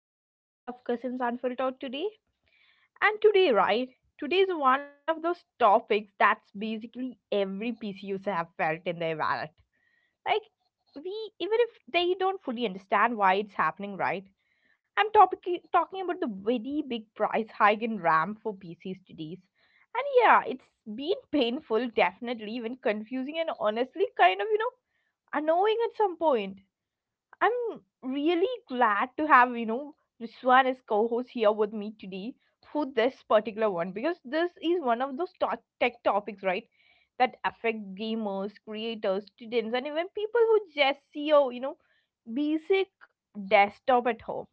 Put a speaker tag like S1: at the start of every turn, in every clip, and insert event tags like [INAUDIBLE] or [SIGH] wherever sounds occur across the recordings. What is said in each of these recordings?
S1: another episode of Cousins Unfiltered today. And today, right? Today is one of those topics that's basically every PC user have felt in their wallet. Like, Even if they don't fully understand why it's happening, right? Talking about the very big price hike in RAM for PCs today. And yeah, it's been painful, definitely, even confusing, and honestly, kind of, annoying at some point. I'm really glad to have, Rizwan as co-host here with me today for this particular one because this is one of those tech topics, right? That affect gamers, creators, students, and even people who just see a, basic desktop at home.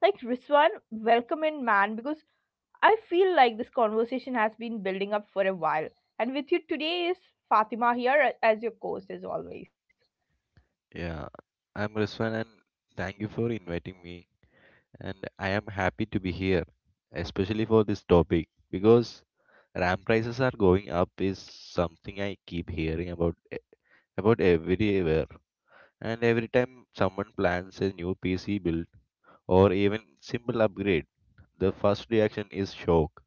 S1: Like Rizwan, welcome in, man, because I feel like this conversation has been building up for a while. And with you today is Fatima here as your co-host as always.
S2: Yeah, I'm Rizwan and thank you for inviting me. And I am happy to be here, especially for this topic because RAM prices are going up is something I keep hearing about about everywhere. And every time someone plans a new PC build or even simple upgrade, the first reaction is shock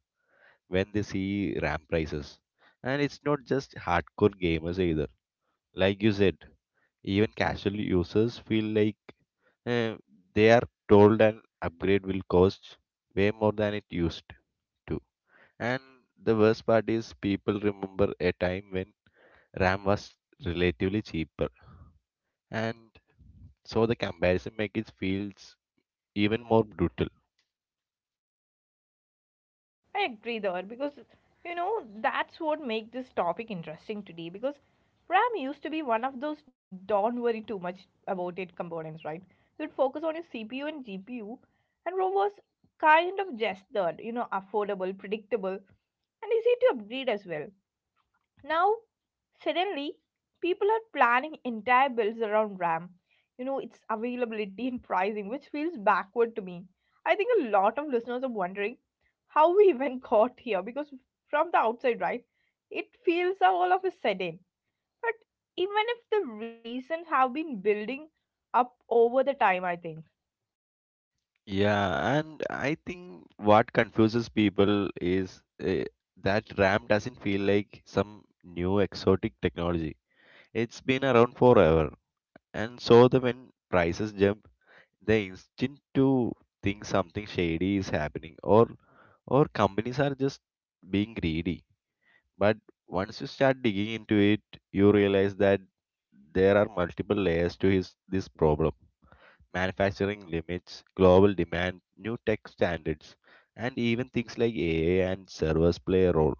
S2: when they see RAM prices. And it's not just hardcore gamers either. Like you said, even casual users feel like eh, they are told an upgrade will cost way more than it used to. And the worst part is people remember a time when RAM was relatively cheaper. And so the comparison makes it feels even more brutal.
S1: I agree there because you know that's what make this topic interesting today because RAM used to be one of those don't worry too much about it components, right? You'd focus on your CPU and GPU and ROM was kind of just that, you know, affordable, predictable and easy to upgrade as well. Now, suddenly, people are planning entire builds around RAM. You know, its availability and pricing, which feels backward to me. I think a lot of listeners are wondering how we even [LAUGHS] got here because from the outside, right, it feels all of a sudden. But even if the reasons have been building up over the time, I think.
S2: Yeah, and I think what confuses people is that RAM doesn't feel like some new exotic technology. It's been around forever. And so the when prices jump, the instinct to think something shady is happening or companies are just being greedy. But once you start digging into it, you realize that there are multiple layers to this problem. Manufacturing limits, global demand, new tech standards, and even things like AI and servers play a role,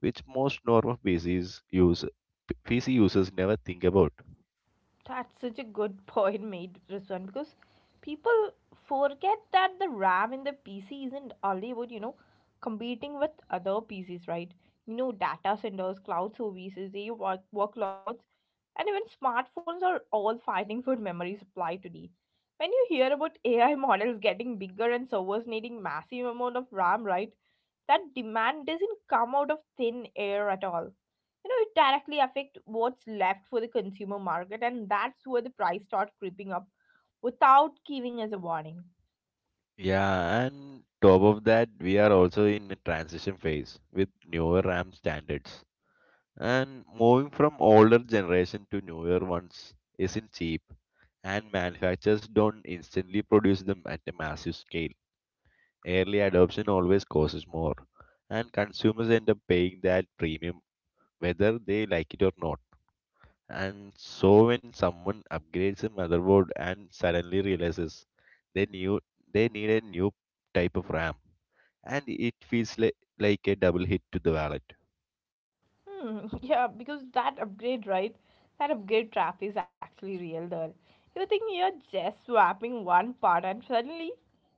S2: which most normal PC users never think about.
S1: That's such a good [LAUGHS] point made, Rizwan, because people forget that the RAM in the PC isn't only about, you know, competing with other PCs, right? You know, data centers, cloud services, AI workloads, and even smartphones are all fighting for memory supply today. When you hear about AI models getting bigger and servers needing massive amount of RAM, right? That demand doesn't come out of thin air at all. You know, it directly affect what's left for the consumer market, and that's where the price start creeping up without giving us a warning.
S2: Yeah, and top of that, we are also in a transition phase with newer RAM standards. And moving from older generation to newer ones isn't cheap, and manufacturers don't instantly produce them at a massive scale. Early adoption always costs more, and consumers end up paying that premium whether they like it or not. And so when someone upgrades a motherboard and suddenly realizes they knew they need a new type of RAM, and it feels like a double hit to the wallet.
S1: [LAUGHS] Yeah, because that upgrade, right, that upgrade trap is actually real there. You think you're just swapping one part and suddenly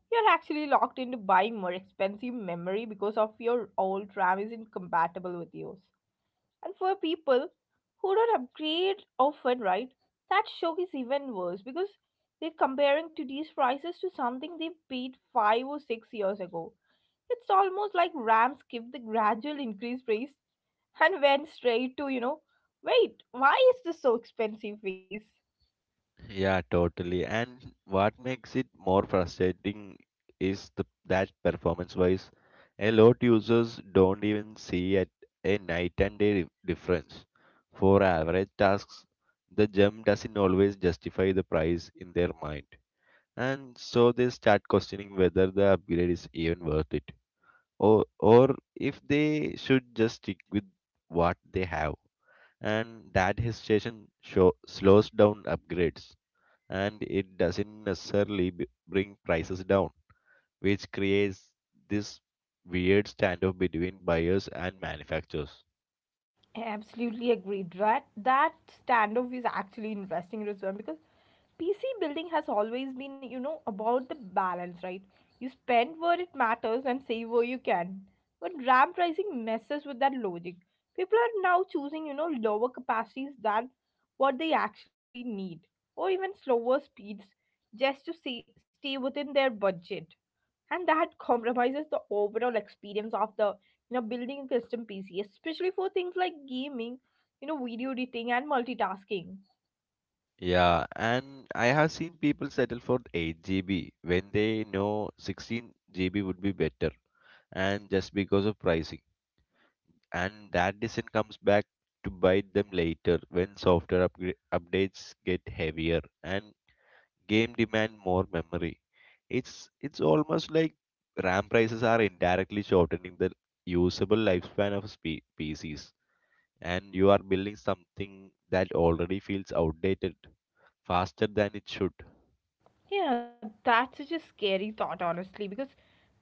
S1: you're actually locked into buying more expensive memory because of your old ram isn't compatible with yours. And for people who don't upgrade often, right, that shock is even worse because they're comparing today's prices to something they paid five or six years ago. It's almost like RAM skipped the gradual increase phase and went straight to, you know, wait, why is this so expensive phase?
S2: Yeah, totally. And what makes it more frustrating is the that performance-wise, a lot users don't even see at a night and day difference. For average tasks, the jump doesn't always justify the price in their mind. And so they start questioning whether the upgrade is even worth it or if they should just stick with what they have. And that hesitation slows down upgrades and it doesn't necessarily bring prices down, which creates this weird standoff between buyers and manufacturers.
S1: I absolutely agreed. That standoff is actually interesting, Rizwan, because PC building has always been, you know, about the balance, right? You spend where it matters and save where you can. But RAM pricing messes with that logic. People are now choosing, you know, lower capacities than what they actually need, or even slower speeds, just to stay within their budget, and that compromises the overall experience of the, you know, building a custom pc, especially for things like gaming, you know, video editing and multitasking.
S2: Yeah, and I have seen people settle for 8 GB when they know 16 GB would be better, and just because of pricing, and that decision comes back to bite them later when software updates get heavier and game demand more memory. It's almost like RAM prices are indirectly shortening the usable lifespan of PCs, and you are building something that already feels outdated faster than it should.
S1: Yeah, that's such a scary thought honestly, because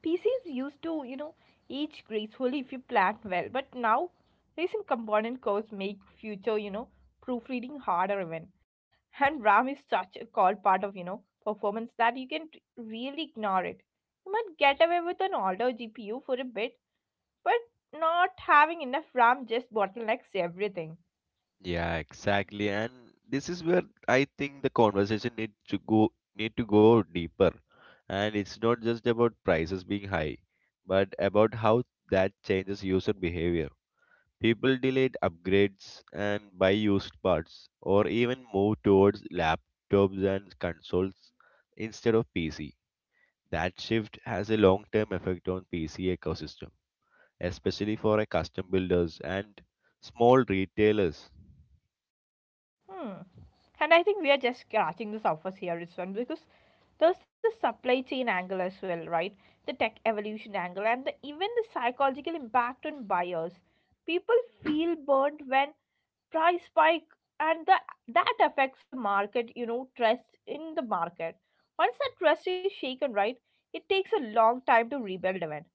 S1: pcs used to, you know, age gracefully if you plan well, but now recent component codes make future, you know, proofreading harder even. And ram is such a core part of, you know, performance that you can really ignore it. You might get away with an older gpu for a bit. But not having enough RAM just bottlenecks everything.
S2: Yeah, exactly. And this is where I think the conversation need to go deeper. And it's not just about prices being high, but about how that changes user behavior. People delayed upgrades and buy used parts, or even move towards laptops and consoles instead of PC. That shift has a long-term effect on PC ecosystem, especially for a custom builders and small retailers.
S1: Hmm. And I think we are just scratching the surface here, Rizwan, because there's the supply chain angle as well, right? The tech evolution angle, and even the psychological impact on buyers. People feel burnt when price spike, and that affects the market, you know, trust in the market. Once that trust is shaken, right, it takes a long time to rebuild again.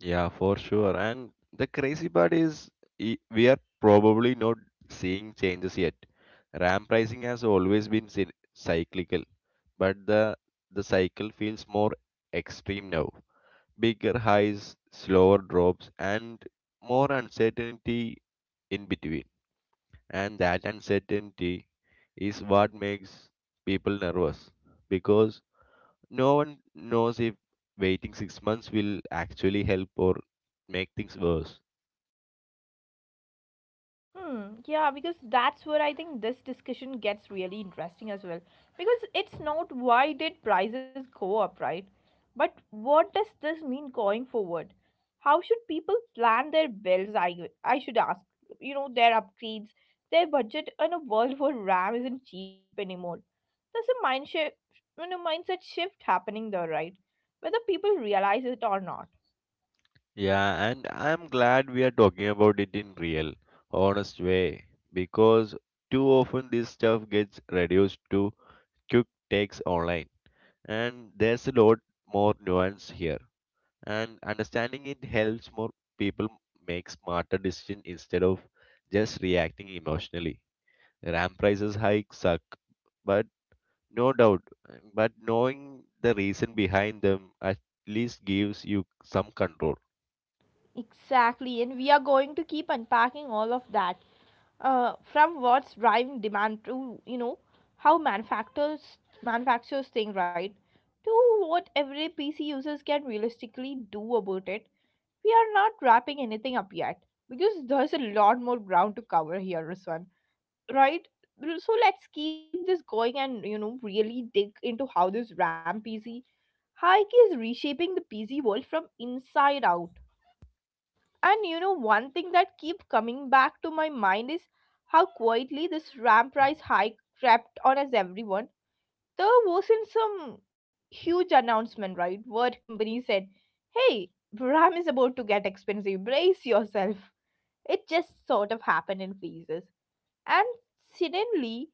S2: Yeah, for sure. And the crazy part is we are probably not seeing changes yet. RAM pricing has always been cyclical, but the cycle feels more extreme now. Bigger highs, slower drops, and more uncertainty in between. And that uncertainty is what makes people nervous because no one knows if waiting 6 months will actually help or make things worse.
S1: Hmm, yeah, because that's where I think this discussion gets really interesting as well. Because it's not why did prices go up, right? But what does this mean going forward? How should people plan their bills? I should ask. You know, their upgrades, their budget, and a world [LAUGHS] where RAM isn't cheap anymore. There's a mindset shift happening there, right? Whether people realize it or not.
S2: Yeah, and I'm glad we are talking about it in real, honest way because too often this stuff gets reduced to quick takes online, and there's a lot more nuance here. And understanding it helps more people make smarter decisions instead of just reacting emotionally. RAM prices hike suck, but no doubt, but knowing the reason behind them at least gives you some control.
S1: Exactly, and we are going to keep unpacking all of that, from what's driving demand to, you know, how manufacturers think, right, to what every pc users can realistically do about it. We are not wrapping anything up yet because there's a lot more ground to cover here, Ruswan. Right, so let's keep this going and, you know, really dig into how this ram pc hike is reshaping the pc world from inside out. And you know, one thing that keep coming back to my mind is how quietly this ram price hike crept on us everyone. There wasn't some huge announcement, right? Word company said, "Hey, ram is about to get expensive. Brace yourself." It just sort of happened in phases, and suddenly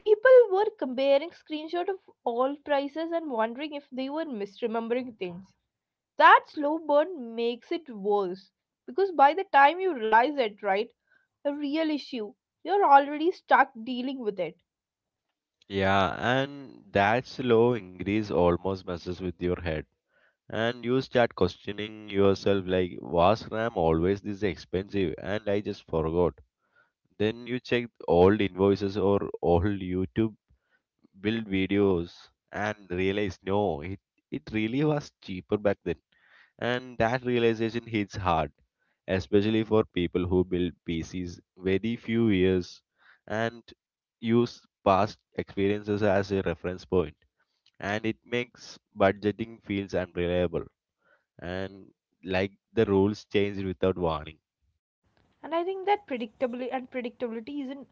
S1: people were comparing screenshots of all prices and wondering if they were misremembering things. That slow burn makes it worse because by the time you realize it, right, a real issue, you're already stuck dealing with it.
S2: Yeah, and that slow increase almost messes with your head. And you start questioning yourself like, was RAM always this expensive? And I just forgot. Then you check old invoices or old YouTube build videos and realize no, it really was cheaper back then. And that realization hits hard, especially for people who build pcs very few years, and use past experiences as a reference point. And it makes budgeting feels unreliable and like the rules change without warning.
S1: And I think that predictably and predictability isn't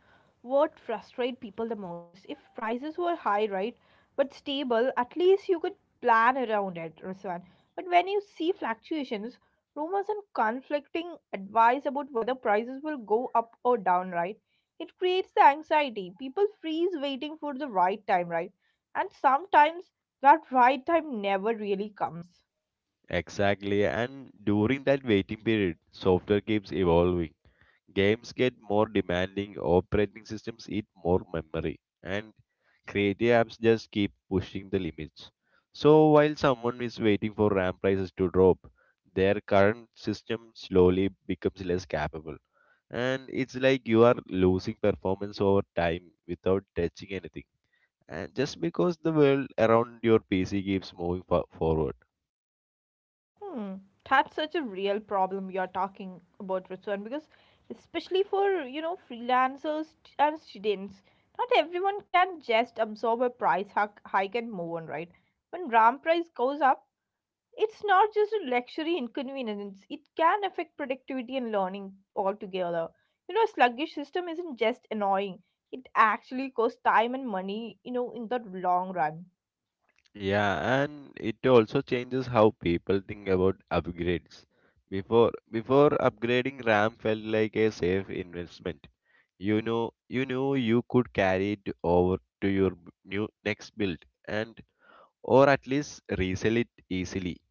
S1: what frustrates people the most. If prices were high, right, but stable, at least you could plan around it, Ruswan. But when you see fluctuations, rumors and conflicting advice about whether prices will go up or down, right, it creates the anxiety. People freeze waiting for the right time, right, and sometimes that right time never really comes.
S2: Exactly, and during that waiting period software keeps evolving. Games get more demanding, operating systems eat more memory, and creative apps just keep pushing the limits. So while someone is waiting for RAM prices to drop, their current system slowly becomes less capable. And it's like you are losing performance over time without touching anything. And just because the world around your PC keeps moving forward.
S1: Hmm. That's such a real problem you're talking about, Ritwan, because especially for, you know, freelancers and students, not everyone can just absorb a price hike and move on, right? When RAM price goes up, it's not just a luxury inconvenience, it can affect productivity and learning altogether. You know, a sluggish system isn't just annoying, it actually costs time and money, you know, in the long run.
S2: Yeah, and it also changes how people think about upgrades. Before upgrading RAM felt like a safe investment. You know, you knew you could carry it over to your new next build and or at least resell it easily.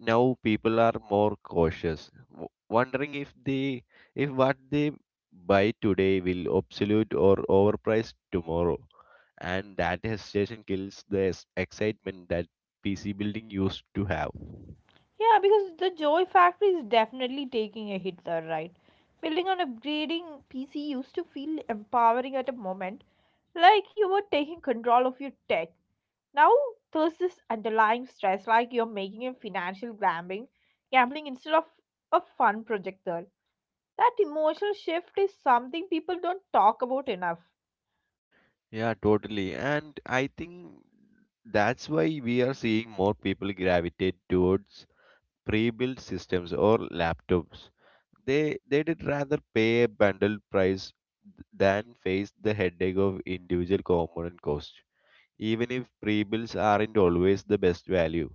S2: Now people are more cautious, wondering if what they buy today will obsolete or overpriced tomorrow, and that hesitation kills the excitement that PC building used to have.
S1: Yeah, because the Joy factory is definitely taking a hit there, right? Building on upgrading PC used to feel empowering at a moment, like you were taking control of your tech. Now there's this underlying stress, like you're making a financial gambling instead of a fun project. That emotional shift is something people don't talk about enough.
S2: Yeah, totally. And I think that's why we are seeing more people gravitate towards pre-built systems or laptops. They did rather pay a bundle price than face the headache of individual component costs. Even if pre-builds aren't always the best value,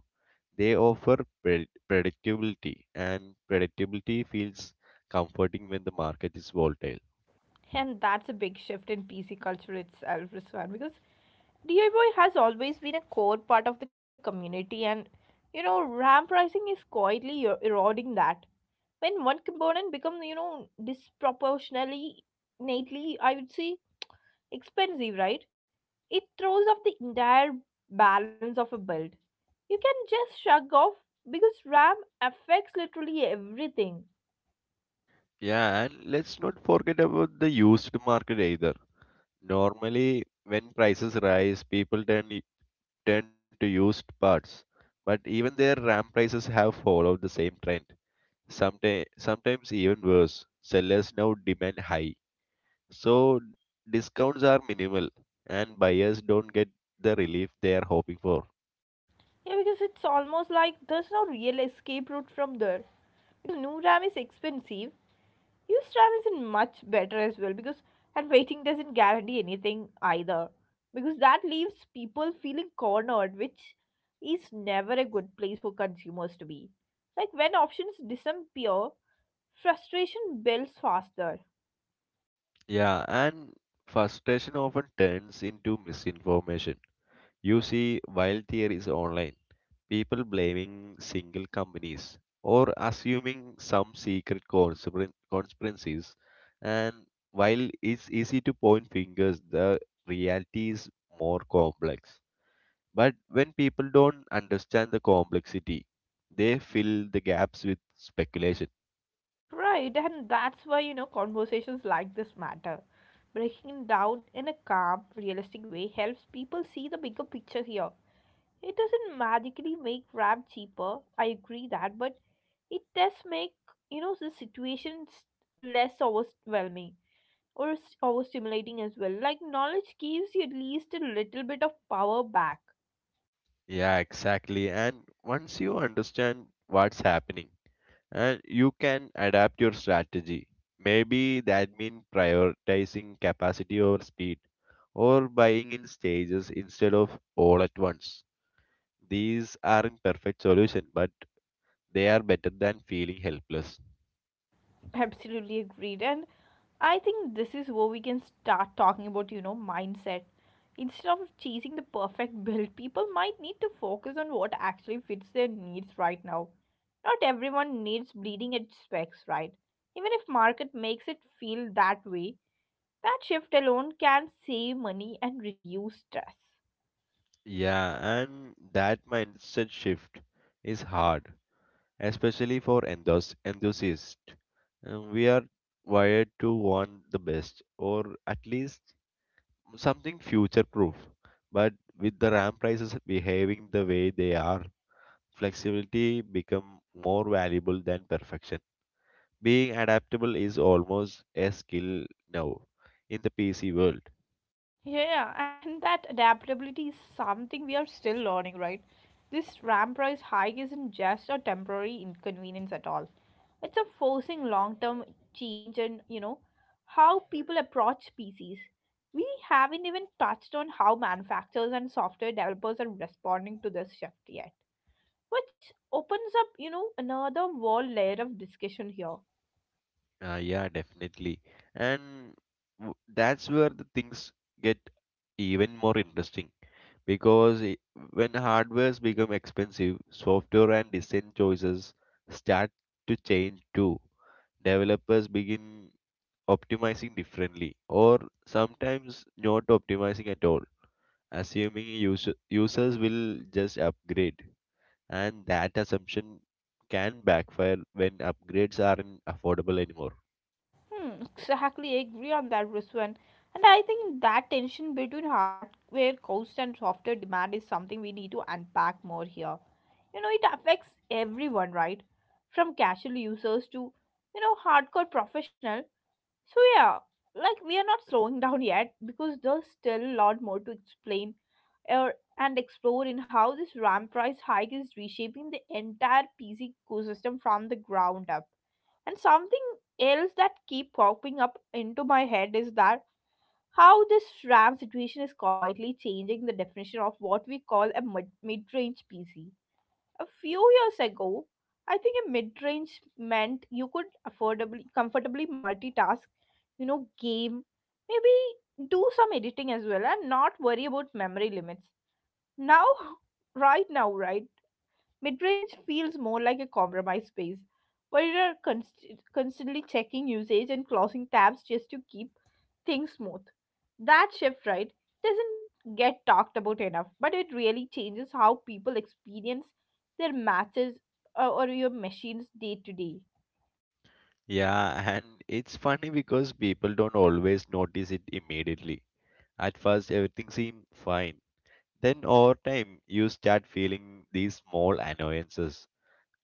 S2: they offer predictability, and predictability feels comforting when the market is volatile.
S1: And that's a big shift in PC culture itself, Rizwan, because DIY has always been a core part of the community, and you know, ramp pricing is quietly eroding that. When one component becomes, you know, disproportionately, I would say, expensive, right? It throws off the entire balance of a build. You can just shrug off because RAM affects literally everything.
S2: Yeah, and let's not forget about the used market either. Normally, when prices rise, people turned to used parts, but even their RAM prices have followed the same trend. Sometimes even worse. Sellers now demand high, so discounts are minimal, and buyers don't get the relief they are hoping for.
S1: Yeah, because it's almost like there's no real escape route from there. Because new RAM is expensive, used RAM isn't much better as well. Because and waiting doesn't guarantee anything either. Because that leaves people feeling cornered, which is never a good place for consumers to be. Like when options disappear, frustration builds faster.
S2: Yeah, and frustration often turns into misinformation. You see, while there is online, people blaming single companies or assuming some secret conspiracies, and while it's easy to point fingers, the reality is more complex. But when people don't understand the complexity, they fill the gaps with speculation.
S1: Right, and that's why you know conversations like this matter. Breaking down in a calm, realistic way helps people see the bigger picture here. It doesn't magically make rap cheaper. I agree that, but it does make, you know, the situations less overwhelming or overstimulating as well. Like knowledge gives you at least a little bit of power back.
S2: Yeah, exactly. And once you understand what's happening, and you can adapt your strategy. Maybe that means prioritizing capacity over speed or buying in stages instead of all at once. These aren't perfect solution, but they are better than feeling helpless.
S1: Absolutely agreed. And I think this is where we can start talking about, you know, mindset. Instead of chasing the perfect build, people might need to focus on what actually fits their needs right now. Not everyone needs bleeding edge specs, right? Even if market makes it feel that way, that shift alone can save money and reduce stress.
S2: Yeah, and that mindset shift is hard, especially for enthusiasts. We are wired to want the best, or at least something future proof. But with the RAM prices behaving the way they are, flexibility become more valuable than perfection. Being adaptable is almost a skill now in the PC world.
S1: Yeah, and that adaptability is something we are still learning, right? This RAM price hike isn't just a temporary inconvenience at all. It's a forcing long-term change in, you know, how people approach PCs. We haven't even touched on how manufacturers and software developers are responding to this shift yet, which opens up, you know, another whole layer of discussion here.
S2: Yeah, definitely. And that's where the things get even more interesting because when hardwares become expensive, software and design choices start to change too. Developers begin optimizing differently or sometimes not optimizing at all, assuming users will just upgrade, and that assumption can backfire when upgrades aren't affordable anymore.
S1: Hmm, exactly, I agree on that, Rizwan. And I think that tension between hardware cost and software demand is something we need to unpack more here. You know, it affects everyone, right? From casual users to, you know, hardcore professional. So yeah, like we are not slowing [LAUGHS] down yet because there's still a lot more to explain or and explore in how this RAM price hike is reshaping the entire PC ecosystem from the ground up. And something else that keep popping up into my head is that how this RAM situation is quietly changing the definition of what we call a mid-range PC. A few years ago, I think a mid-range meant you could affordably comfortably multitask, game, maybe do some editing as well and not worry about memory limits. Now [LAUGHS] right now, right? Midrange feels more like a compromise space where you are constantly checking usage and closing tabs just to keep things smooth. That shift, right, doesn't get talked about enough, but it really changes how people experience their matches or your machines day to day.
S2: Yeah, and it's funny because people don't always notice it immediately. At first everything seems fine, then over time you start feeling these small annoyances.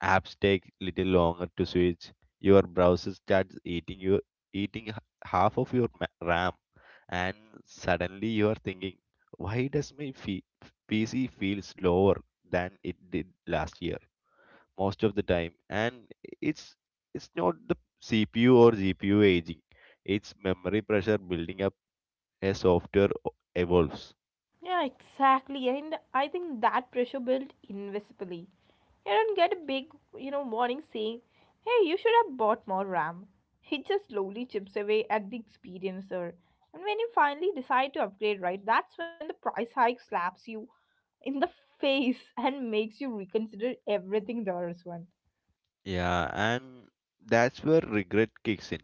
S2: Apps take little longer to switch. Your browser starts eating half of your RAM, and suddenly you are thinking, why does my PC feel slower than it did last year? Most of the time, and it's it's not the CPU or GPU aging; it's memory pressure building up as software evolves.
S1: Yeah, exactly. And I think that pressure built invisibly. You don't get a big, warning saying, hey, you should have bought more RAM. It just slowly chips away at the experiencer. And when you finally decide to upgrade, right, that's when the price hike slaps you in the [LAUGHS] face and makes you reconsider everything there is one.
S2: Yeah, and that's where regret kicks in.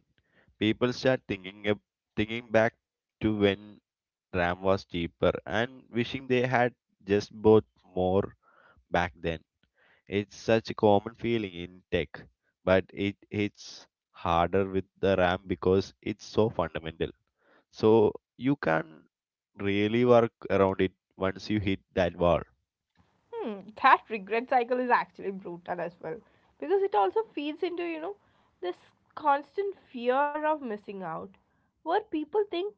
S2: People start thinking back to when RAM was cheaper and wishing they had just bought more back then. It's such a common feeling in tech, but it's harder with the RAM because it's so fundamental. So you can really work around it once you hit that wall.
S1: Hmm, that regret cycle is actually brutal as well because it also feeds into this constant fear of missing out where people think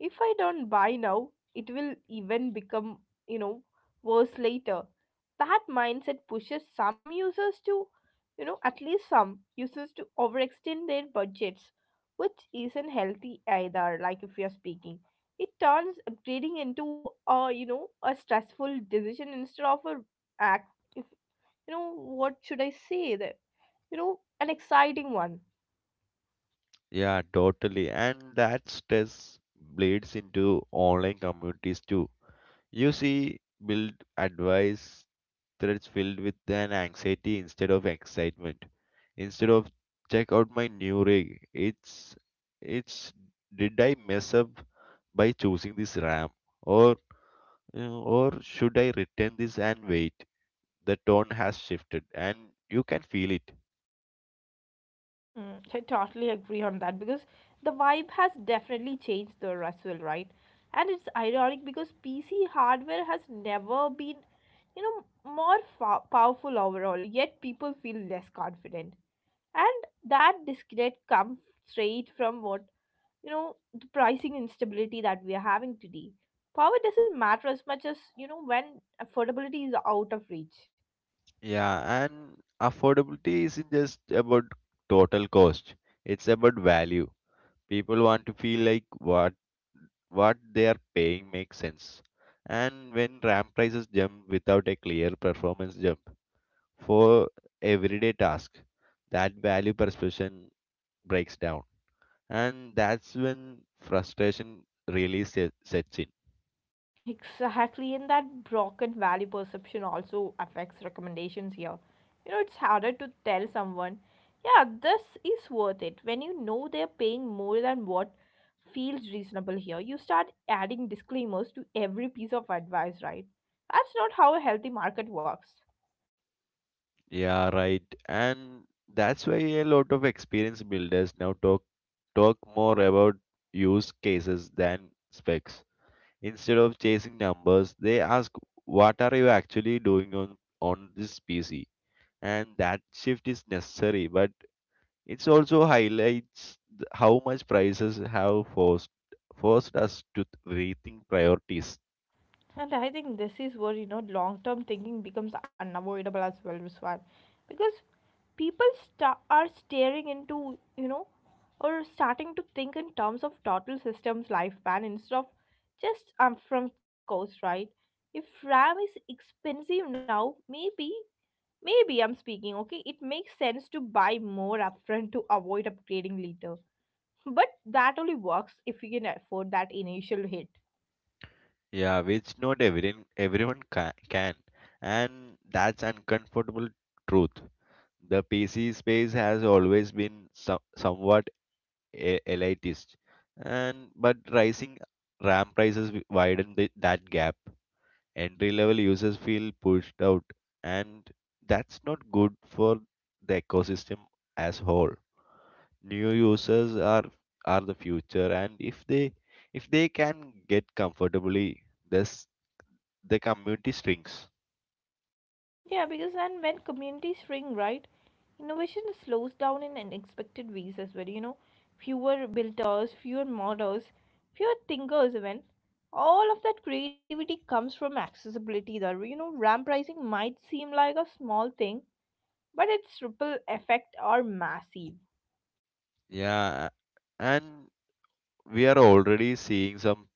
S1: if I don't buy now it will even become you know worse later. That mindset pushes some users to at least some users to overextend their budgets, which isn't healthy either. Like if you're speaking, it turns upgrading into a a stressful decision instead of a act if, you know what should I say that an exciting one.
S2: Yeah, totally. And that stress bleeds into online communities too. You see build advice threads filled with an anxiety instead of excitement. Instead of check out my new rig, it's did I mess up by choosing this RAM or or should I return this and wait? The tone has shifted and you can feel it.
S1: Mm, so I totally agree on that because the vibe has definitely changed the Russell, right? And it's ironic because PC hardware has never been, you know, more powerful overall, yet people feel less confident. And that disconnect comes straight from what, the pricing instability that we are having today. Power doesn't matter as much as, when affordability is out of reach.
S2: Yeah, and affordability isn't just about total cost. It's about value. People want to feel like what they are paying makes sense. And when RAM prices jump without a clear performance jump for everyday task, that value perception breaks down. And that's when frustration really sets in.
S1: Exactly, and that broken value perception also affects recommendations here. It's harder to tell someone, yeah, this is worth it when you know they're paying more than what feels reasonable here. You start adding disclaimers to every piece of advice, right? That's not how a healthy market works.
S2: Yeah, right. And that's why a lot of experience builders now talk more about use cases than specs. Instead of chasing numbers, they ask what are you actually doing on this PC? And that shift is necessary, but it also highlights how much prices have forced us to rethink priorities.
S1: And I think this is where long term thinking becomes unavoidable as well, Ruswan, because people sta are staring into or starting to think in terms of total systems lifespan instead of just from cost, right? If RAM is expensive now, maybe I'm speaking okay. It makes sense to buy more upfront to avoid upgrading later, but that only works if you can afford that initial hit.
S2: Yeah, which not can, and that's uncomfortable truth. The PC space has always been somewhat elitist, and but rising RAM prices widen that gap. Entry level users feel pushed out, and that's not good for the ecosystem as whole. New users are the future, and if they can get comfortably this, the community shrinks.
S1: Yeah, because and when communities shrink, right, innovation slows down in unexpected ways as well. Fewer builders, fewer models, fewer thinkers. Even all of that creativity comes from accessibility. That ramp pricing might seem like a small thing, but its ripple effect are massive.
S2: Yeah, and we are already seeing some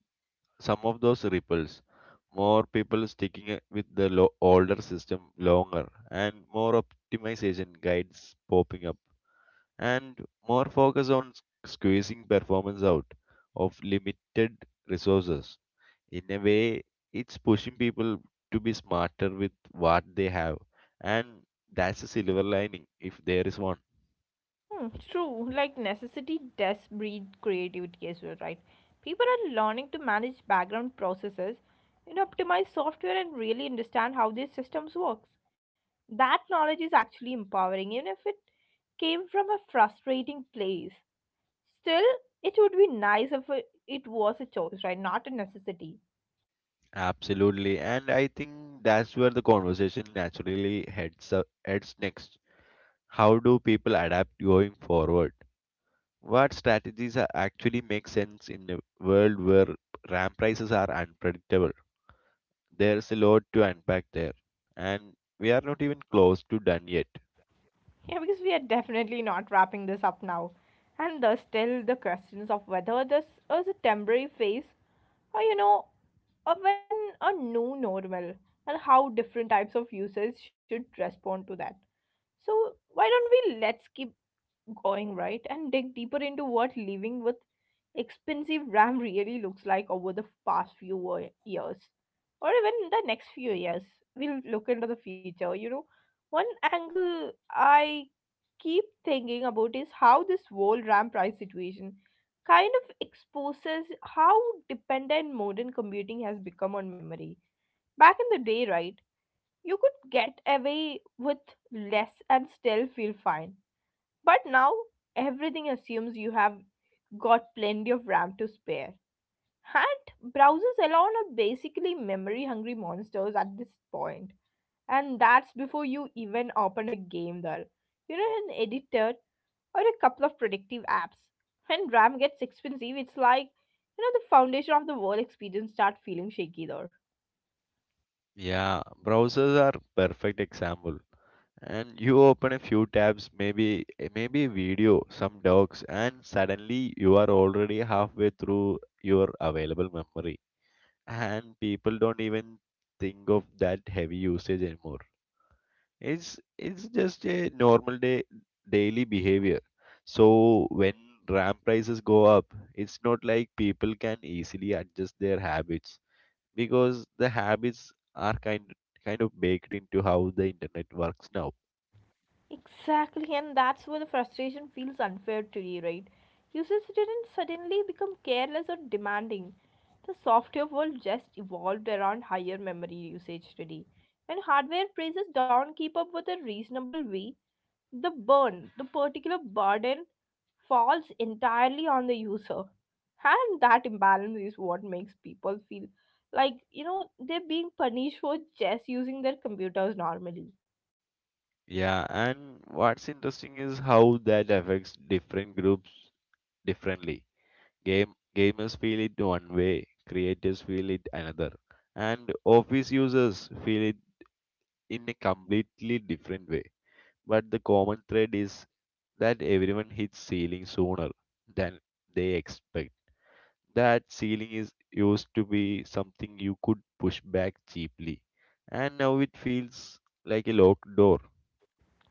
S2: some of those ripples. More people sticking it with the older system longer, and more optimization guides popping up, and more focus on squeezing performance out of limited resources. In a way, it's pushing people to be smarter with what they have, and that's a silver lining if there is one.
S1: Hmm, true. Like necessity does breed creativity as well, right? People are learning to manage background processes, optimize software and really understand how these systems works. That knowledge is actually empowering, even if it came from a frustrating place. Still, it would be nice if it was a choice, right? Not a necessity.
S2: Absolutely, and I think that's where the conversation naturally heads next. How do people adapt going forward? What strategies are actually make sense in a world where RAM prices are unpredictable? There's a lot to unpack there, and we are not even close to done yet.
S1: Yeah, because we are definitely not wrapping this up now. And there's still the questions of whether this is a temporary phase or, or when a new normal and how different types of users should respond to that. So, why don't we let's keep going, right, and dig deeper into what living with expensive RAM really looks like over the past few years or even the next few years. We'll look into the future. You know one angle I keep thinking about is how this whole RAM price situation kind of exposes how dependent modern computing has become on memory. Back in the day, right, you could get away with less and still feel fine. But now everything assumes you have got plenty of RAM to spare. And browsers alone are basically memory hungry monsters at this point. And that's before you even open a game there. You know, an editor or a couple of predictive apps. When RAM gets expensive, it's like, the foundation of the whole experience start feeling shaky there.
S2: Yeah, browsers are perfect example. And you open a few tabs, maybe video, some docs, and suddenly you are already halfway through your available memory. And people don't even think of that heavy usage anymore. It's just a normal day daily behavior. So when RAM prices go up, it's not like people can easily adjust their habits, because the habits are kind of baked into how the internet works now.
S1: Exactly, and that's where the frustration feels unfair today, right? Users didn't suddenly become careless or demanding. The software world just evolved around higher memory usage today. When hardware prices don't keep up with a reasonable way, the burn, the particular burden falls entirely on the user. And that imbalance is what makes people feel like, they're being punished for just using their computers normally.
S2: Yeah, and what's interesting is how that affects different groups differently. Gamers feel it one way, creators feel it another, and office users feel it in a completely different way. But the common thread is that everyone hits ceiling sooner than they expect. That ceiling is used to be something you could push back cheaply, and now it feels like a locked door.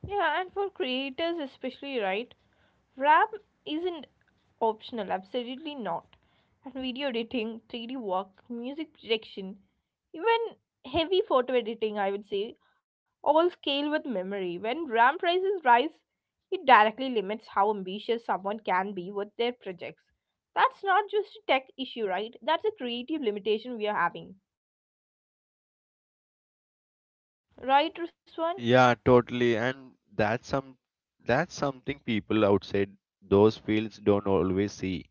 S1: Yeah, and for creators especially, right? RAM isn't optional, absolutely not. And video editing, 3D work, music production, even heavy photo editing, I would say, all scale with memory. When RAM prices rise, it directly limits how ambitious someone can be with their projects. That's not just a tech issue, right? That's a creative limitation we are having. Right, Ruswan?
S2: Yeah, totally. And that's something people outside those fields don't always see.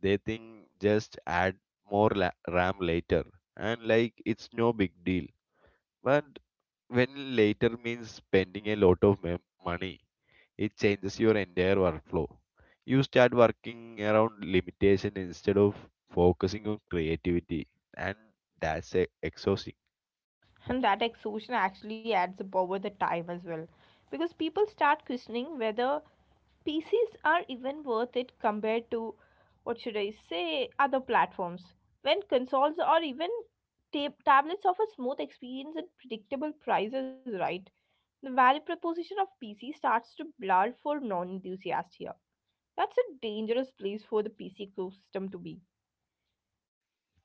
S2: They think just add RAM later, and like it's no big deal. But when later means spending a lot of money, it changes your entire workflow. You start working around limitation instead of focusing on creativity, and that's exhausting.
S1: And that exhaustion actually adds up over the time as well. Because people start questioning whether PCs are even worth it compared to what should I say other platforms. When consoles or even tablets offer smooth experience and predictable prices, right? The value proposition of PC starts to blur for non-enthusiasts here. That's a dangerous place for the PC ecosystem to be.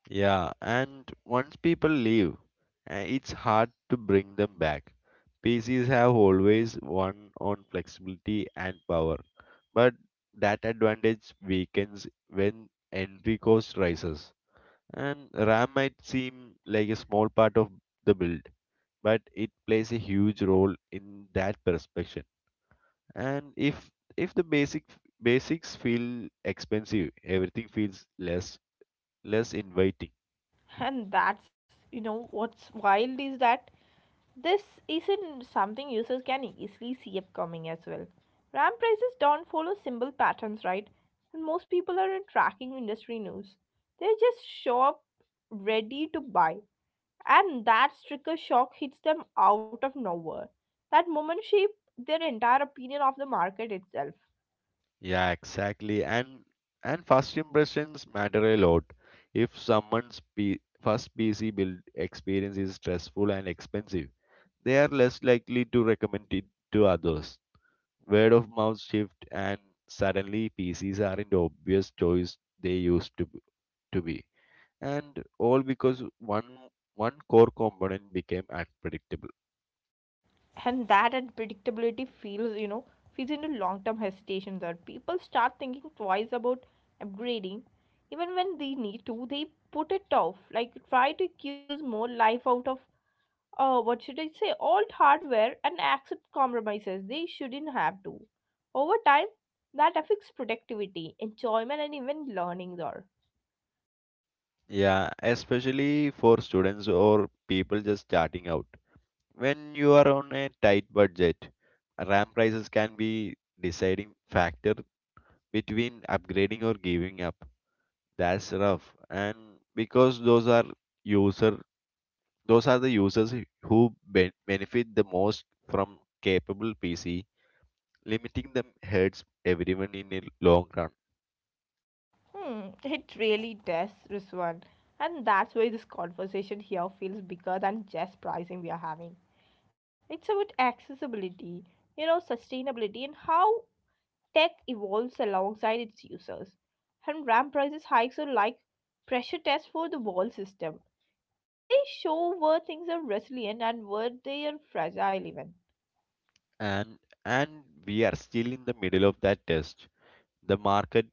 S2: Yeah, and once people leave, it's hard to bring them back. PCs have always won on flexibility and power, but that advantage weakens when entry cost rises. And RAM might seem like a small part of the build, but it plays a huge role in that perception. And if the basics feel expensive, everything feels less inviting.
S1: And that's, what's wild is that this isn't something users can easily see upcoming as well. RAM prices don't follow simple patterns, right? And most people aren't tracking industry news. They just show up ready to buy. And that sticker shock hits them out of nowhere. That moment shapes their entire opinion of the market itself.
S2: Yeah, exactly. And first impressions matter a lot. If first PC build experience is stressful and expensive, they are less likely to recommend it to others. Word of mouth shift, and suddenly PCs aren't the obvious choice they used to to be. And all because one core component became unpredictable.
S1: And that unpredictability feels feeds into long-term hesitations or people start thinking twice about upgrading even when they need to. They put it off, like try to accuse more life out of what should I say old hardware and accept compromises they shouldn't have to. Over time that affects productivity enjoyment and even learning there.
S2: Yeah, especially for students or people just starting out. When you are on a tight budget, RAM prices can be deciding factor between upgrading or giving up. That's rough. And because user those are the users who benefit the most from capable PC, limiting them hurts everyone in a long run.
S1: Hmm, it really does this. And that's why this conversation here feels bigger than just pricing we are having. It's about accessibility, sustainability, and how tech evolves alongside its users. And RAM prices hikes are like pressure tests for the wall system. They show where things are resilient and where they are fragile, even.
S2: and and we are still in the middle of that test. The market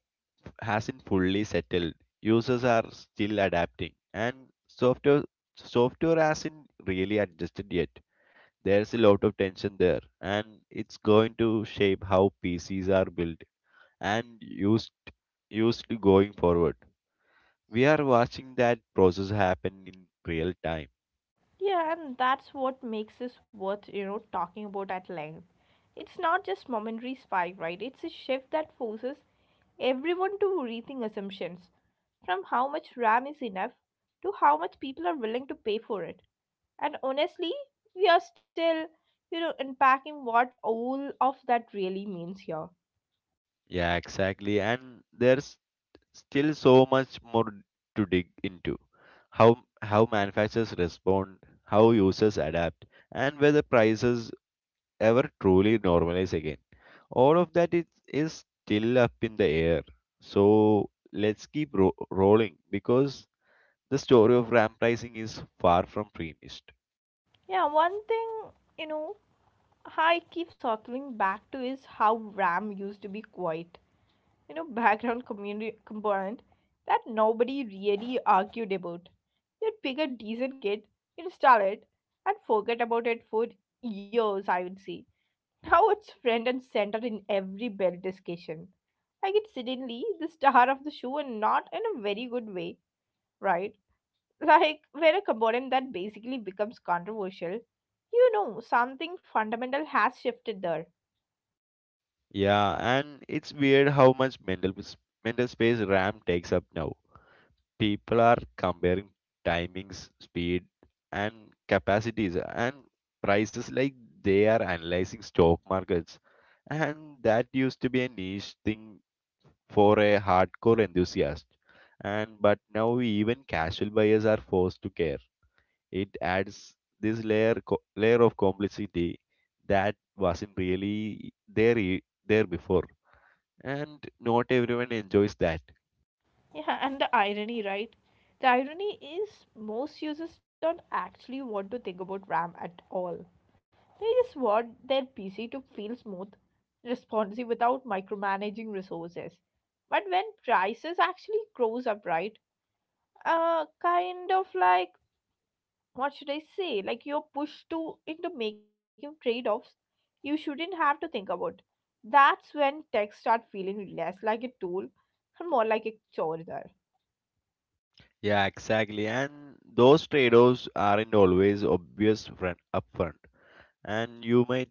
S2: hasn't fully settled, users are still adapting, and software software hasn't really adjusted yet. There's a lot of tension there, and it's going to shape how PCs are built and used going forward. We are watching that process happen in real time.
S1: Yeah, and that's what makes this worth, talking about at length. It's not just momentary spike, right? It's a shift that forces everyone to rethink assumptions from how much RAM is enough to how much people are willing to pay for it. And honestly, we are still, unpacking what all of that really means here.
S2: Yeah, exactly. And there's still so much more to dig into. How how manufacturers respond, how users adapt, and whether prices ever truly normalize again. All of that is still up in the air. So let's keep rolling, because the story of RAM pricing is far from finished.
S1: Yeah, one thing, you know, I keep circling back to is how RAM used to be quiet background community component that nobody really argued about. You'd pick a decent kit, install it, and forget about it for years, I would say. Now it's front and center in every build discussion. Like it's suddenly the star of the show and not in a very good way, right? [LAUGHS] Like when a component that basically becomes controversial, something fundamental has shifted there.
S2: Yeah, and it's weird how much mental space RAM takes up now. People are comparing timings, speed, and capacities and prices like they are analyzing stock markets. And that used to be a niche thing for a hardcore enthusiast. And but now even casual buyers are forced to care. It adds this layer of complexity that wasn't really there there before. And not everyone enjoys that.
S1: Yeah, and the irony, right? The irony is most users don't actually want to think about RAM at all. They just want their PC to feel smooth, responsive without micromanaging resources. But when prices actually goes up, right? Kind of like what should I say? Like you're pushed to into making trade-offs you shouldn't have to think about. That's when tech start feeling less like a tool and more like a chore there.
S2: Yeah, exactly. And those trade-offs aren't always obvious front upfront. And you might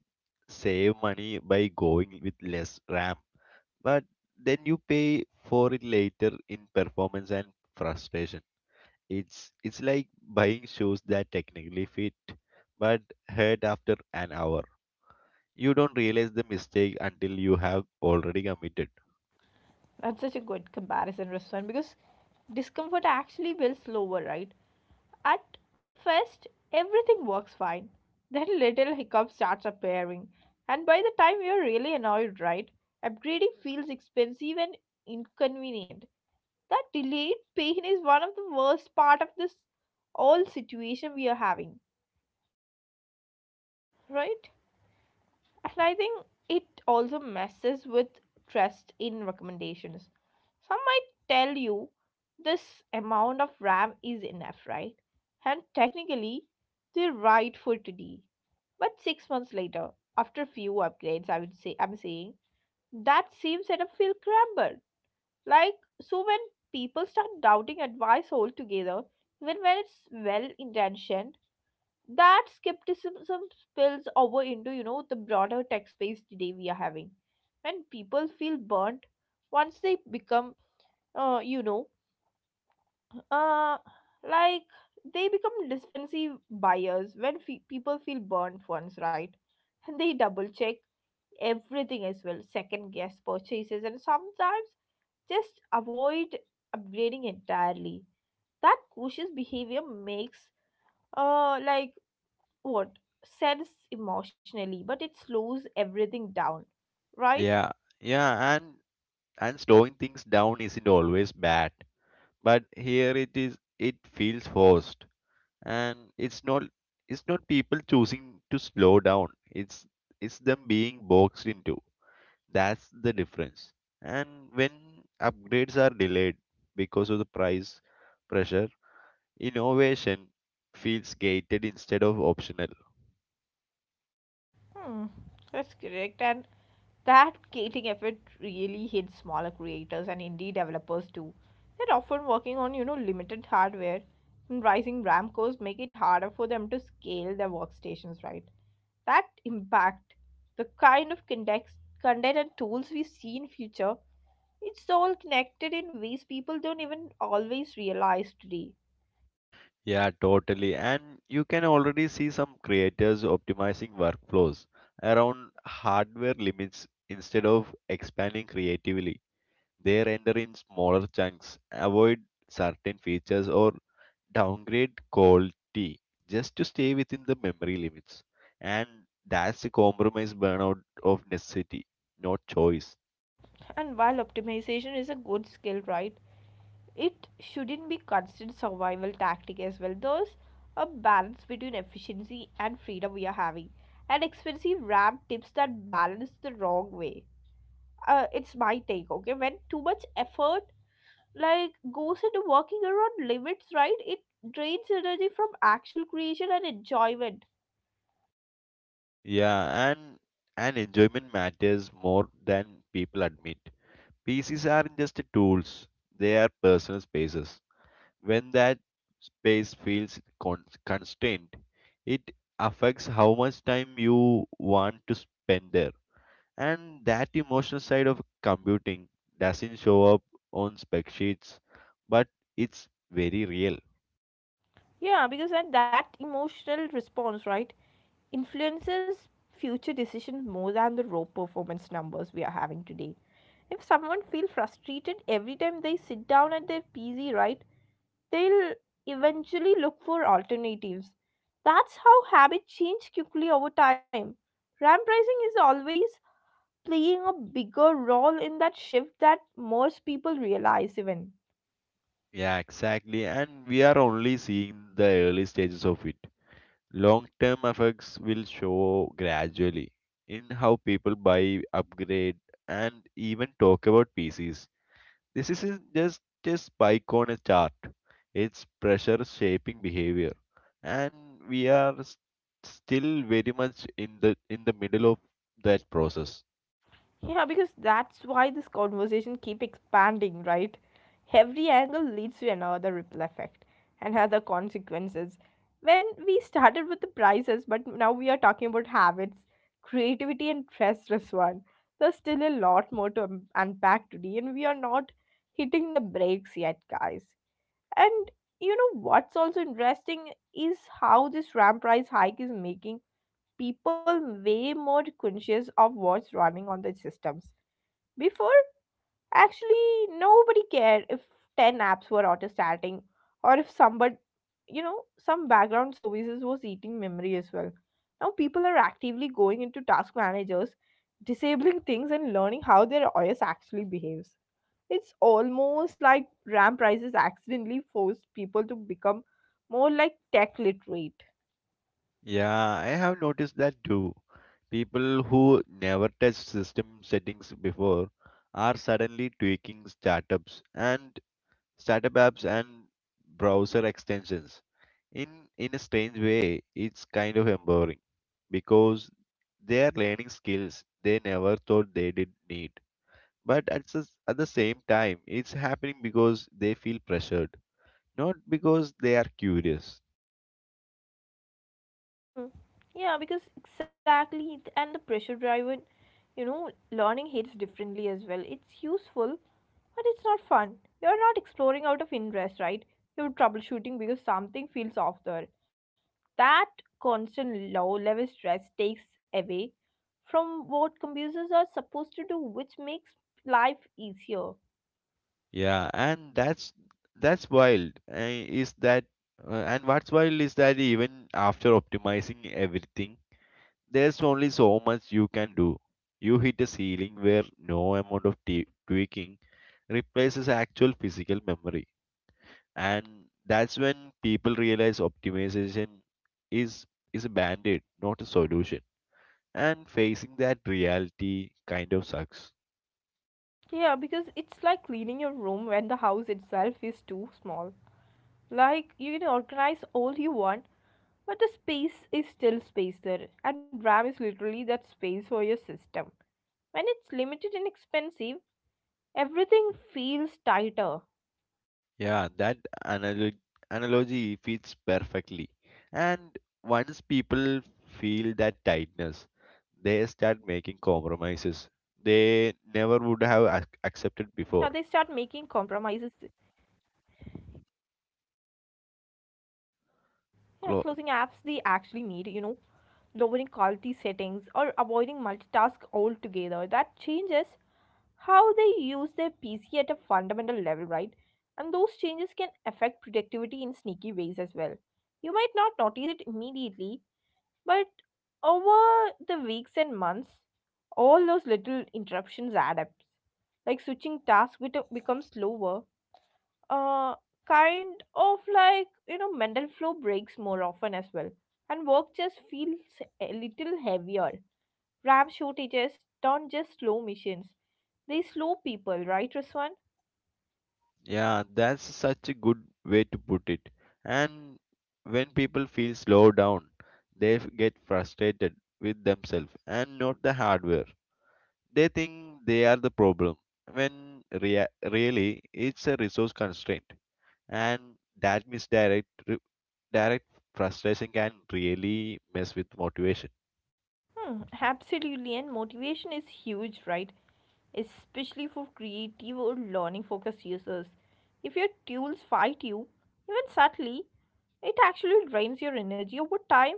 S2: save money by going with less RAM, but then you pay for it later in performance and frustration. It's like buying shoes that technically fit but hurt after an hour. You don't realize the mistake until you have already committed.
S1: That's such a good comparison, Ruswan, because discomfort actually builds slower, right? At first, everything works fine. Then little hiccup starts appearing, and by the time you're really annoyed, right? Upgrading feels expensive and inconvenient. That delayed pain is one of the worst part of this all situation we are having, right? And I think it also messes with trust in recommendations. Some might tell you this amount of RAM is enough, right? And technically, they're right for today. But 6 months later, after few upgrades, I would say I'm saying that same setup feel crumbled. Like so, when people start doubting advice altogether, even when it's well intentioned, that skepticism spills over into the broader tech space today we are having and people feel burnt once they become uh, you know uh, like they become defensive buyers when people feel burnt once, right, and they double check everything as well, second guess purchases and sometimes just avoid upgrading entirely. That cautious behavior makes like what sense emotionally, but it slows everything down, right?
S2: Yeah, yeah, and slowing things down isn't always bad, but here it is, it feels forced. And it's not people choosing to slow down, it's them being boxed into, that's the difference. And when upgrades are delayed because of the price pressure, innovation feels gated instead of optional.
S1: Hmm, that's correct. And that gating effort really hits smaller creators and indie developers too. They're often working on, limited hardware, and rising RAM costs make it harder for them to scale their workstations, right? That impact, the kind of context, content and tools we see in future, it's all connected in ways people don't even always realize today.
S2: Yeah, totally. And you can already see some creators optimizing workflows around hardware limits instead of expanding creatively. They render in smaller chunks, avoid certain features, or downgrade quality just to stay within the memory limits. And that's a compromise burnout of necessity, not choice.
S1: And while optimization is a good skill, right, it shouldn't be constant survival tactic as well. There's a balance between efficiency and freedom we are having. And expensive ramp tips that balance the wrong way. It's my take, okay? When too much effort like goes into working around limits, right, it drains energy from actual creation and enjoyment.
S2: Yeah, and enjoyment matters more than people admit. PCs aren't just tools, they are personal spaces. When that space feels constrained, it affects how much time you want to spend there. And that emotional side of computing doesn't show up on spec sheets, but it's very real.
S1: Yeah, because then that emotional response, right, influences future decisions more than the raw performance numbers we are having today. If someone feels frustrated every time they sit down at their PC, right, they'll eventually look for alternatives. That's how habit change quickly over time. RAM pricing is always playing a bigger role in that shift that most people realize even.
S2: Yeah, exactly. And we are only seeing the early stages of it. Long term effects will show gradually in how people buy, upgrade, and even talk about PCs. This isn't just a spike on a chart, it's pressure shaping behavior. And we are still very much in the middle of that process.
S1: Yeah, because that's why this conversation keep expanding, right? Every angle leads to another ripple effect and other consequences. When we started with the prices, but now we are talking about habits, creativity, and stress response. There's still a lot more to unpack today, and we are not hitting the brakes yet, guys. And you know what's also interesting is how this RAM price hike is making people way more conscious of what's running on their systems before, actually, nobody cared if 10 apps were auto starting or if somebody, you know, some background services was eating memory as well. Now, people are actively going into task managers, disabling things, and learning how their OS actually behaves. It's almost like RAM prices accidentally forced people to become more like tech literate.
S2: Yeah, I have noticed that too. People who never touched system settings before are suddenly tweaking startup apps and browser extensions. In in a strange way, it's kind of empowering, because they are learning skills they never thought they did need. But at the same time, it's happening because they feel pressured, not because they are curious.
S1: Mm. Yeah, because exactly, and the pressure driven, you know, learning hits differently as well. It's useful, but it's not fun. You're not exploring out of interest, right? You're troubleshooting because something feels off there. That constant low level stress takes away from what computers are supposed to do, which makes life easier.
S2: Yeah, and that's wild. Is that and what's wild is that even after optimizing everything, there's only so much you can do. You hit a ceiling where no amount of tweaking replaces actual physical memory. And that's when people realize optimization is is a band-aid, not a solution. And facing that reality kind of sucks.
S1: Yeah, because it's like cleaning your room when the house itself is too small. Like, you can organize all you want, but the space is still space there, and RAM is literally that space for your system. When it's limited and expensive, everything feels tighter.
S2: Yeah, that analog- analogy fits perfectly. And once people feel that tightness, they start making compromises
S1: Yeah, they start
S2: they
S1: making
S2: never would have
S1: compromises.
S2: accepted before.
S1: Yeah, closing apps they actually
S2: Clo-
S1: need, you know, lowering quality settings or avoiding multitask altogether. That changes how they use their PC at a fundamental level, right? And those changes can affect productivity in sneaky ways as well. You might not notice it immediately, but over the weeks and months, all those little interruptions add up. Like switching tasks becomes slower. Uh, kind of like, you know, mental flow breaks more often as well. And work just feels a little heavier. RAM shortages don't just slow machines, they slow people, right, Ruswan?
S2: yeah, that's such a good way to put it. And when people feel slowed down, they get frustrated with themselves and not the hardware. They think they are the problem when really it's a resource constraint. And that direct frustration can really mess with motivation.
S1: Hmm, absolutely, and motivation is huge, right? Especially for creative or learning focused users. If your tools fight you, even subtly, it actually drains your energy over time.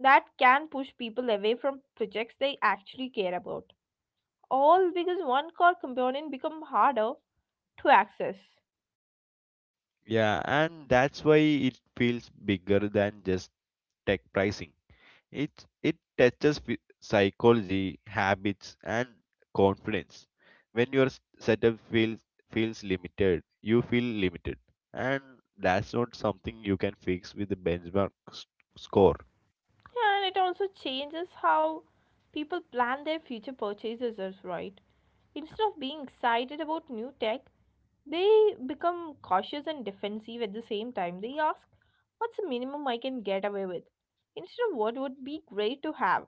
S1: That can push people away from projects they actually care about. All because one core component become harder to access.
S2: Yeah, and that's why it feels bigger than just tech pricing. It it touches psychology, habits, and confidence. When your setup feels limited, you feel limited. And that's not something you can fix with a score.
S1: Yeah, and it also changes how people plan their future purchases, as well, right? Instead of being excited about new tech, they become cautious and defensive at the same time. They ask, what's the minimum I can get away with? Instead of what would be great to have.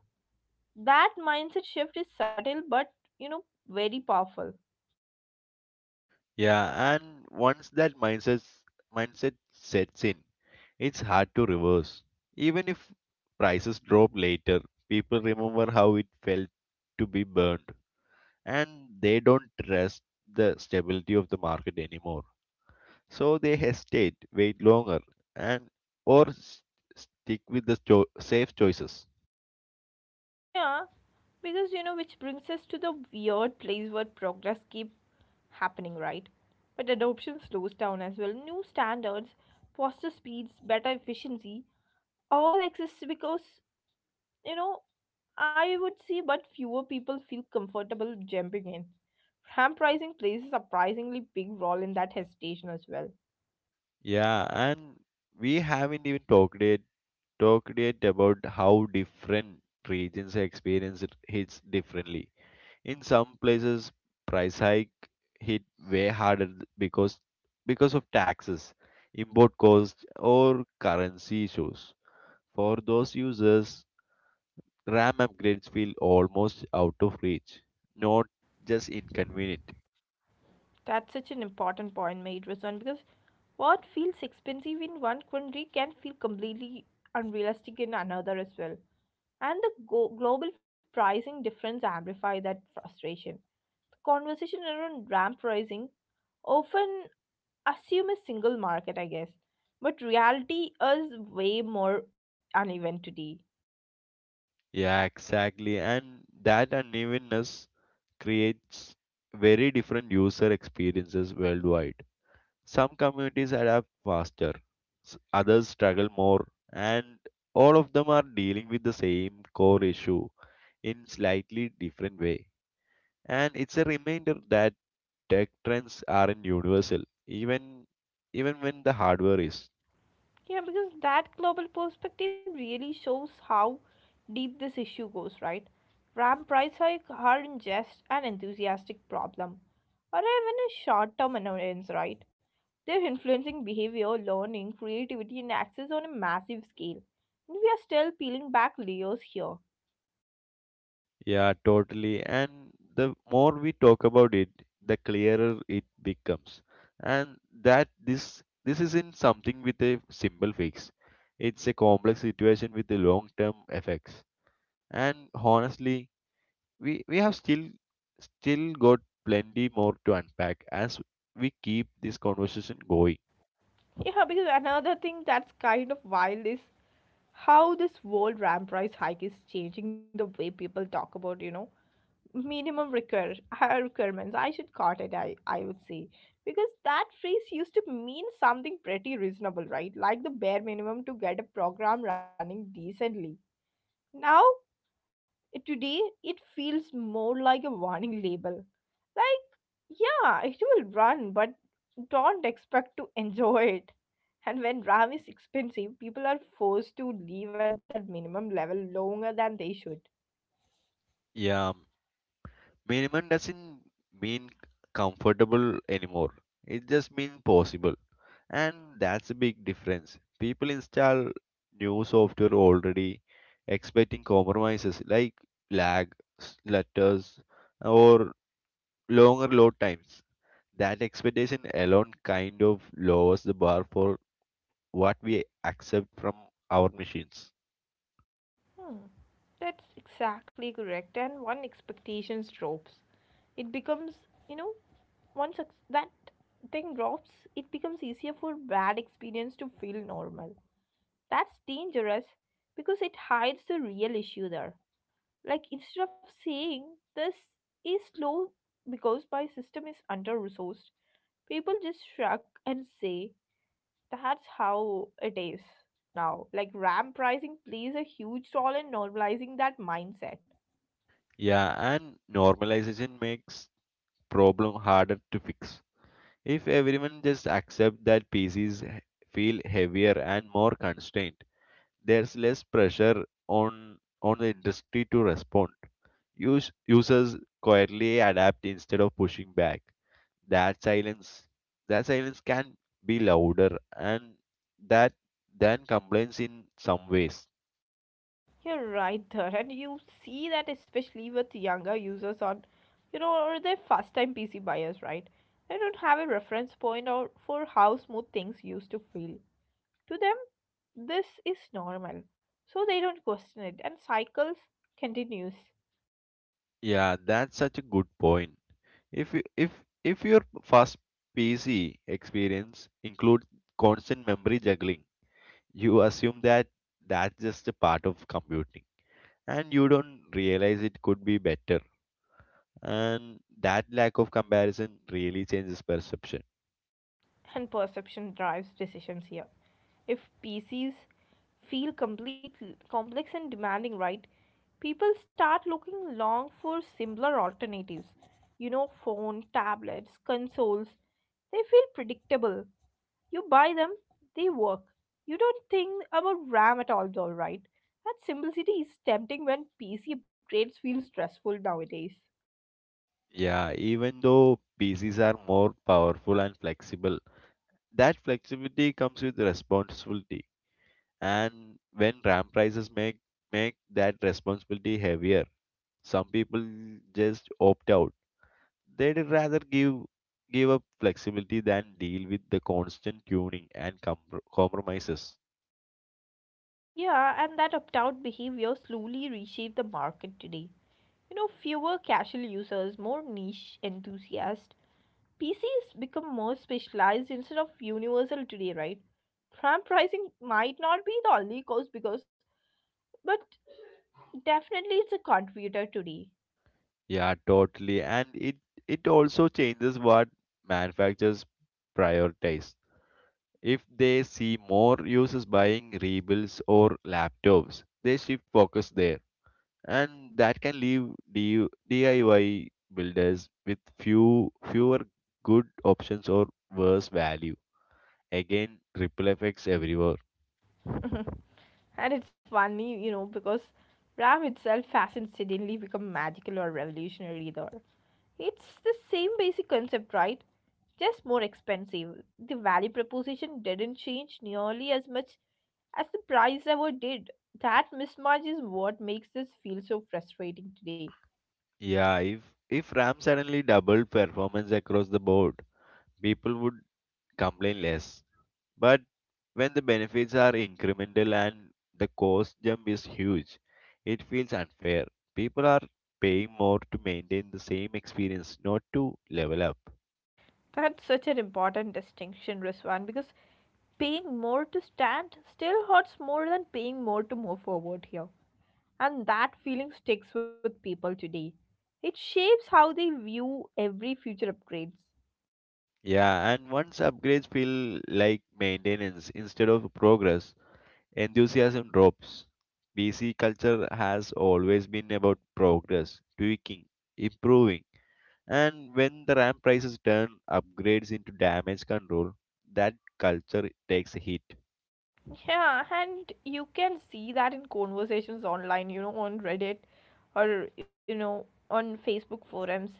S1: That mindset shift is subtle but, you know, very powerful.
S2: Yeah, and once that mindset sets in, it's hard to reverse. Even if prices drop later, people remember how it felt to be burned, and they don't trust the stability of the market anymore. So they hesitate, wait longer, and or s- stick with the safe choices.
S1: Yeah, because, you know, which brings us to the weird place where progress keeps happening, right? But adoption slows down as well. New standards, faster speeds, better efficiency, all exists because you know, I would say, but fewer people feel comfortable jumping in. Ramp pricing plays a surprisingly big role in that hesitation as well.
S2: Yeah, and we haven't even talked yet about how different regions experience it hits differently. In some places, price hike hit way harder because of taxes, import costs, or currency issues. For those users, RAM upgrades feel almost out of reach, not just inconvenient.
S1: That's such an important point made, Rasan, because what feels expensive in one country can feel completely unrealistic in another as well. And the global pricing difference amplify that frustration. Conversation around ramp pricing often assume a single market, I guess. But reality is way more uneven today.
S2: Yeah, exactly. And that unevenness creates very different user experiences worldwide. Some communities adapt faster, others struggle more, and all of them are dealing with the same core issue in slightly different way. And it's a reminder that tech trends aren't universal, even even when the hardware is.
S1: Yeah, because that global perspective really shows how deep this issue goes, right? RAM price hike aren't just an enthusiastic problem or even a short term annoyance, right? They're influencing behavior, learning, creativity, and access on a massive scale. And we are still peeling back layers here.
S2: Yeah, totally. And the more we talk about it, the clearer it becomes. And that this isn't something with a simple fix. It's a complex situation with the long term effects. And honestly, we have still got plenty more to unpack as we keep this conversation going.
S1: Yeah, because another thing that's kind of wild is how this world ramp price hike is changing the way people talk about, you know, minimum require, requirements. I should cut it, I would say. Because that phrase used to mean something pretty reasonable, right? Like the bare minimum to get a program running decently. Now, today, it feels more like a warning label. Like, yeah, it will run, but don't expect to [LAUGHS] enjoy it, and when RAM is expensive, people are forced to leave at their minimum level longer than they should.
S2: Yeah, minimum doesn't mean comfortable anymore. It just means possible. And that's a big difference. People install new software already expecting compromises like lag, letters, or longer load times. That expectation alone kind of lowers the bar for what we accept from our machines.
S1: That's exactly correct. And one expectations drops. It becomes, you know, once that thing drops, it becomes easier for bad experience to feel normal. That's dangerous because it hides the real issue there. Like instead of saying this is slow because my system is under resourced, people just shrug and say that's how it is now. Like ramp pricing plays a huge role in normalizing that mindset.
S2: Yeah, and normalization makes problem harder to fix. If everyone just accept that PCs feel heavier and more constrained, there's less pressure on the industry to respond. Users quietly adapt instead of pushing back. That silence, that silence can be louder and that than complaints in some ways.
S1: You're right there, and you see that especially with younger users on, you know, or their first time PC buyers, right? They don't have a reference point or for how smooth things used to feel. To them, this is normal, so they don't question it, and cycles continues.
S2: Yeah, that's such a good point. If you- if if your first PC experience includes constant memory juggling, you assume that that's just a part of computing, and you don't realize it could be better. And that lack of comparison really changes perception.
S1: And perception drives decisions here. If PCs feel complex and demanding, right, people start looking long for similar alternatives. You know, phone, tablets, consoles, they feel predictable. You buy them, they work. You don't think about RAM at all, though, right? That simplicity is tempting when PC upgrades feel stressful nowadays.
S2: Yeah, even though PCs are more powerful and flexible, that flexibility comes with responsibility. And when RAM prices make that responsibility heavier, some people just opt out. They'd rather give up flexibility than deal with the constant tuning and compromises.
S1: Yeah, and that opt out behavior slowly reshaped the market today. You know, fewer casual users, more niche enthusiasts. PCs become more specialized instead of universal today, right? RAM pricing might not be the only cause because, but definitely it's a contributor today.
S2: Yeah, totally. And it also changes what manufacturers prioritize. If they see more users buying rebuilds or laptops, they shift focus there. And that can leave DU DIY builders with fewer good options or worse value. Again, ripple effects everywhere.
S1: [LAUGHS] And it's funny, you know, because RAM itself hasn't suddenly become magical or revolutionary either. It's the same basic concept, right? Just more expensive. The value proposition didn't change nearly as much as the price ever did. That mismatch is what makes this feel so frustrating today.
S2: Yeah, if RAM suddenly doubled performance across the board, people would complain less. But when the benefits are incremental and the cost jump is huge, it feels unfair. People are paying more to maintain the same experience, not to level up.
S1: That's such an important distinction, Ruswan, because paying more to stand still hurts more than paying more to move forward here. And that feeling sticks with people today. It shapes how they view every future upgrades.
S2: Yeah, and once upgrades feel like maintenance instead of progress, enthusiasm drops. PC culture has always been about progress, tweaking, improving. And when the RAM prices turn upgrades into damage control, that culture takes a hit.
S1: Yeah, and you can see that in conversations online, you know, on Reddit or, you know, on Facebook forums.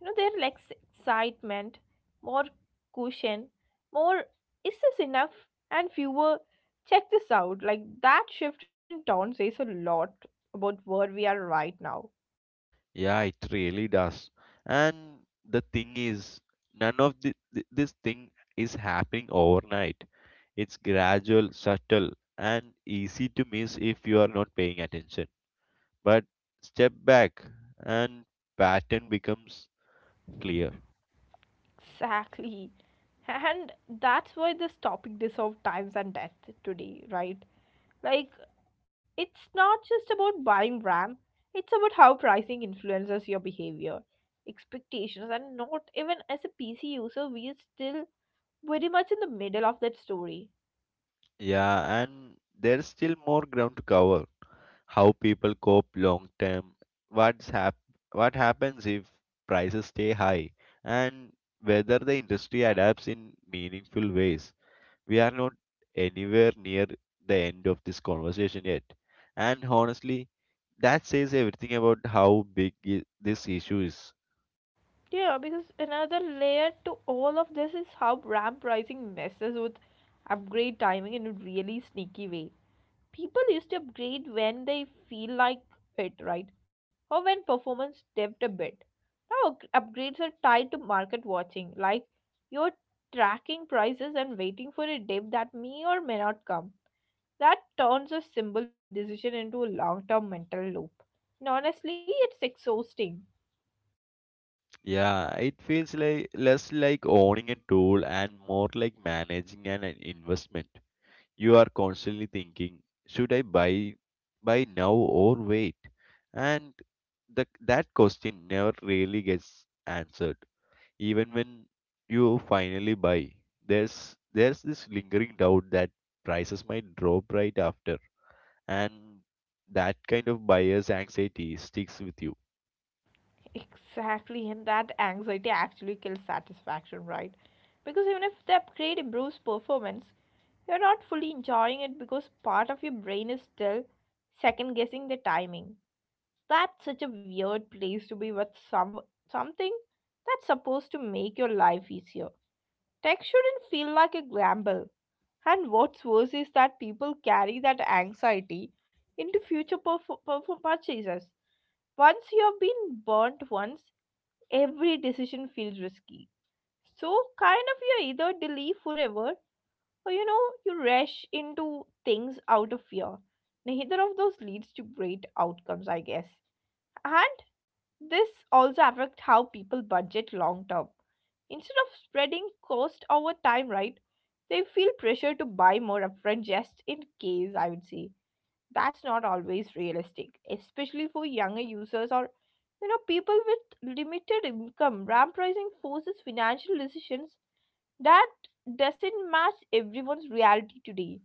S1: You know, they're like excitement, more cushion, more, is this enough? And fewer check this out. Like that shift in tone says a lot about where we are right now.
S2: Yeah, it really does. And the thing is, none of this thing is happening overnight. It's gradual, subtle, and easy to miss if you are not paying attention. But step back and pattern becomes clear.
S1: Exactly. And that's why this topic is of times and death today, right? Like it's not just about buying RAM, it's about how pricing influences your behavior, expectations, and not even as a PC user, we are still very much in the middle of that story.
S2: Yeah, and there's still more ground to cover. How people cope long term, what's hap- what happens if prices stay high, and whether the industry adapts in meaningful ways. We are not anywhere near the end of this conversation yet. And honestly, that says everything about how big this issue is.
S1: Yeah, because another layer to all of this is how RAM pricing messes with upgrade timing in a really sneaky way. People used to upgrade when they feel like it, right? Or when performance dipped a bit. Now upgrades are tied to market watching, like you're tracking prices and waiting for a dip that may or may not come. That turns a simple decision into a long term mental loop. And honestly, it's exhausting.
S2: Yeah, it feels like less like owning a tool and more like managing an investment. You are constantly thinking, should I buy now or wait? And that question never really gets answered. Even when you finally buy, there's this lingering doubt that prices might drop right after. And that kind of buyer's anxiety sticks with you.
S1: Exactly, and that anxiety actually kills satisfaction, right? Because even if the upgrade improves performance, you're not fully enjoying it because part of your brain is still second guessing the timing. That's such a weird place to be with something that's supposed to make your life easier. Tech shouldn't feel like a gamble. And what's worse is that people carry that anxiety into future purchases. Once you have been burnt once, every decision feels risky. So, kind of, you either delay forever or you know, you rush into things out of fear. Neither of those leads to great outcomes, I guess. And this also affects how people budget long term. Instead of spreading cost over time, right, they feel pressure to buy more upfront just in case, I would say. That's not always realistic, especially for younger users or you know, people with limited income, ramp pricing forces financial decisions that doesn't match everyone's reality today.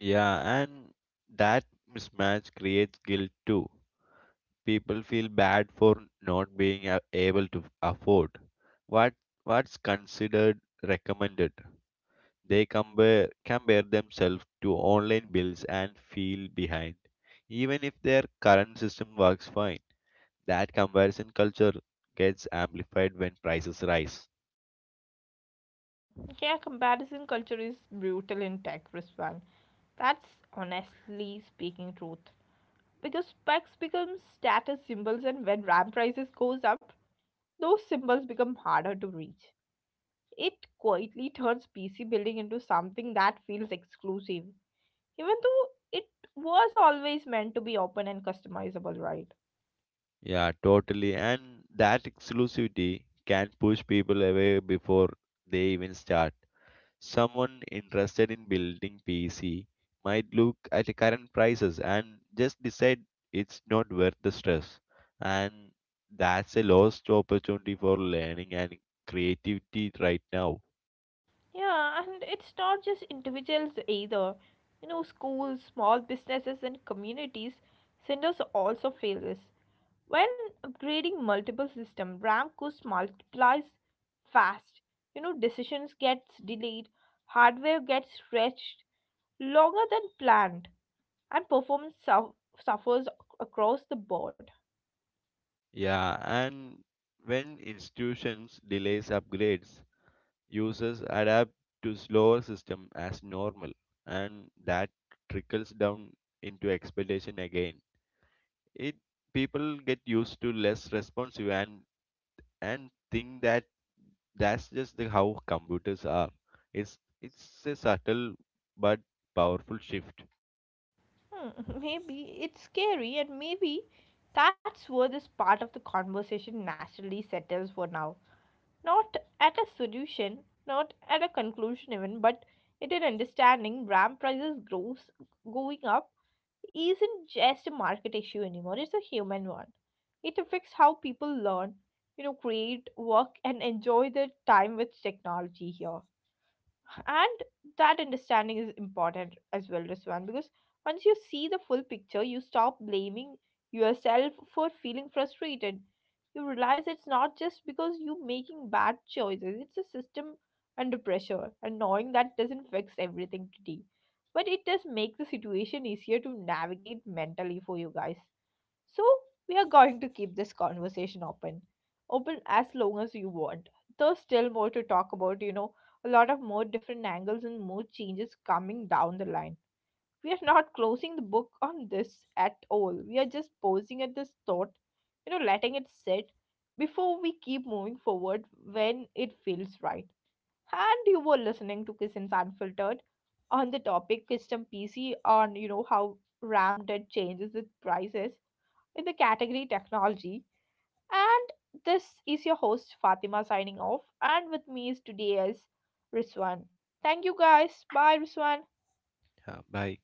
S2: Yeah, and that mismatch creates guilt too. People feel bad for not being a- able to afford what what's considered recommended. They compare themselves to online bills and feel behind, even if their current system works fine. That comparison culture gets amplified when prices rise.
S1: Yeah, comparison culture is brutal in tech, Rizwan. That's honestly speaking truth. Because specs become status symbols and when RAM prices goes up, those symbols become harder to reach. It quietly turns PC building into something that feels exclusive. Even though it was always meant to be open and customizable, right?
S2: Yeah, totally. And that exclusivity can push people away before they even start. Someone interested in building PC might look at the current prices and just decide it's not worth the stress. And that's a lost opportunity for learning and creativity right now.
S1: Yeah, and it's not just individuals either. You know, schools, small businesses, and communities centers also fail this. When upgrading multiple system, RAM cost multiplies fast. You know, decisions gets delayed, hardware gets stretched longer than planned, and performance suffers across the board.
S2: Yeah, and when institutions delays upgrades, users adapt to slower system as normal, and that trickles down into expectation again. It people get used to less responsive and think that how computers are. It's a subtle but powerful shift.
S1: Hmm, [LAUGHS] maybe it's scary, and maybe that's where this part of the conversation naturally settles for now. Not at a solution, not at a conclusion, even, but it is understanding RAM prices grows, going up isn't just a market issue anymore, it's a human one. It affects how people learn, you know, create, work, and enjoy their time with technology here, and that understanding is important as well, Riswan, because once you see the full picture, you stop blaming yourself for feeling frustrated. You realize it's not just because you making bad choices, it's a system under pressure, and knowing that doesn't fix everything today, but it does make the situation easier to navigate mentally for you guys. So we are going to keep this conversation open, open as long as you want. There's still more to talk about, you know, a lot of more different angles and more changes coming down the line. We are not closing the book on this at all. We are just pausing at this thought, you know, letting it sit before we keep moving forward when it feels right. And you were listening to Kissins Unfiltered on the topic custom PC on, you know, how RAM did changes its prices with the category technology. And this is your host Fatima signing off, and with me is today is Rizwan. Thank you guys. Bye, Rizwan.
S2: Yeah, bye.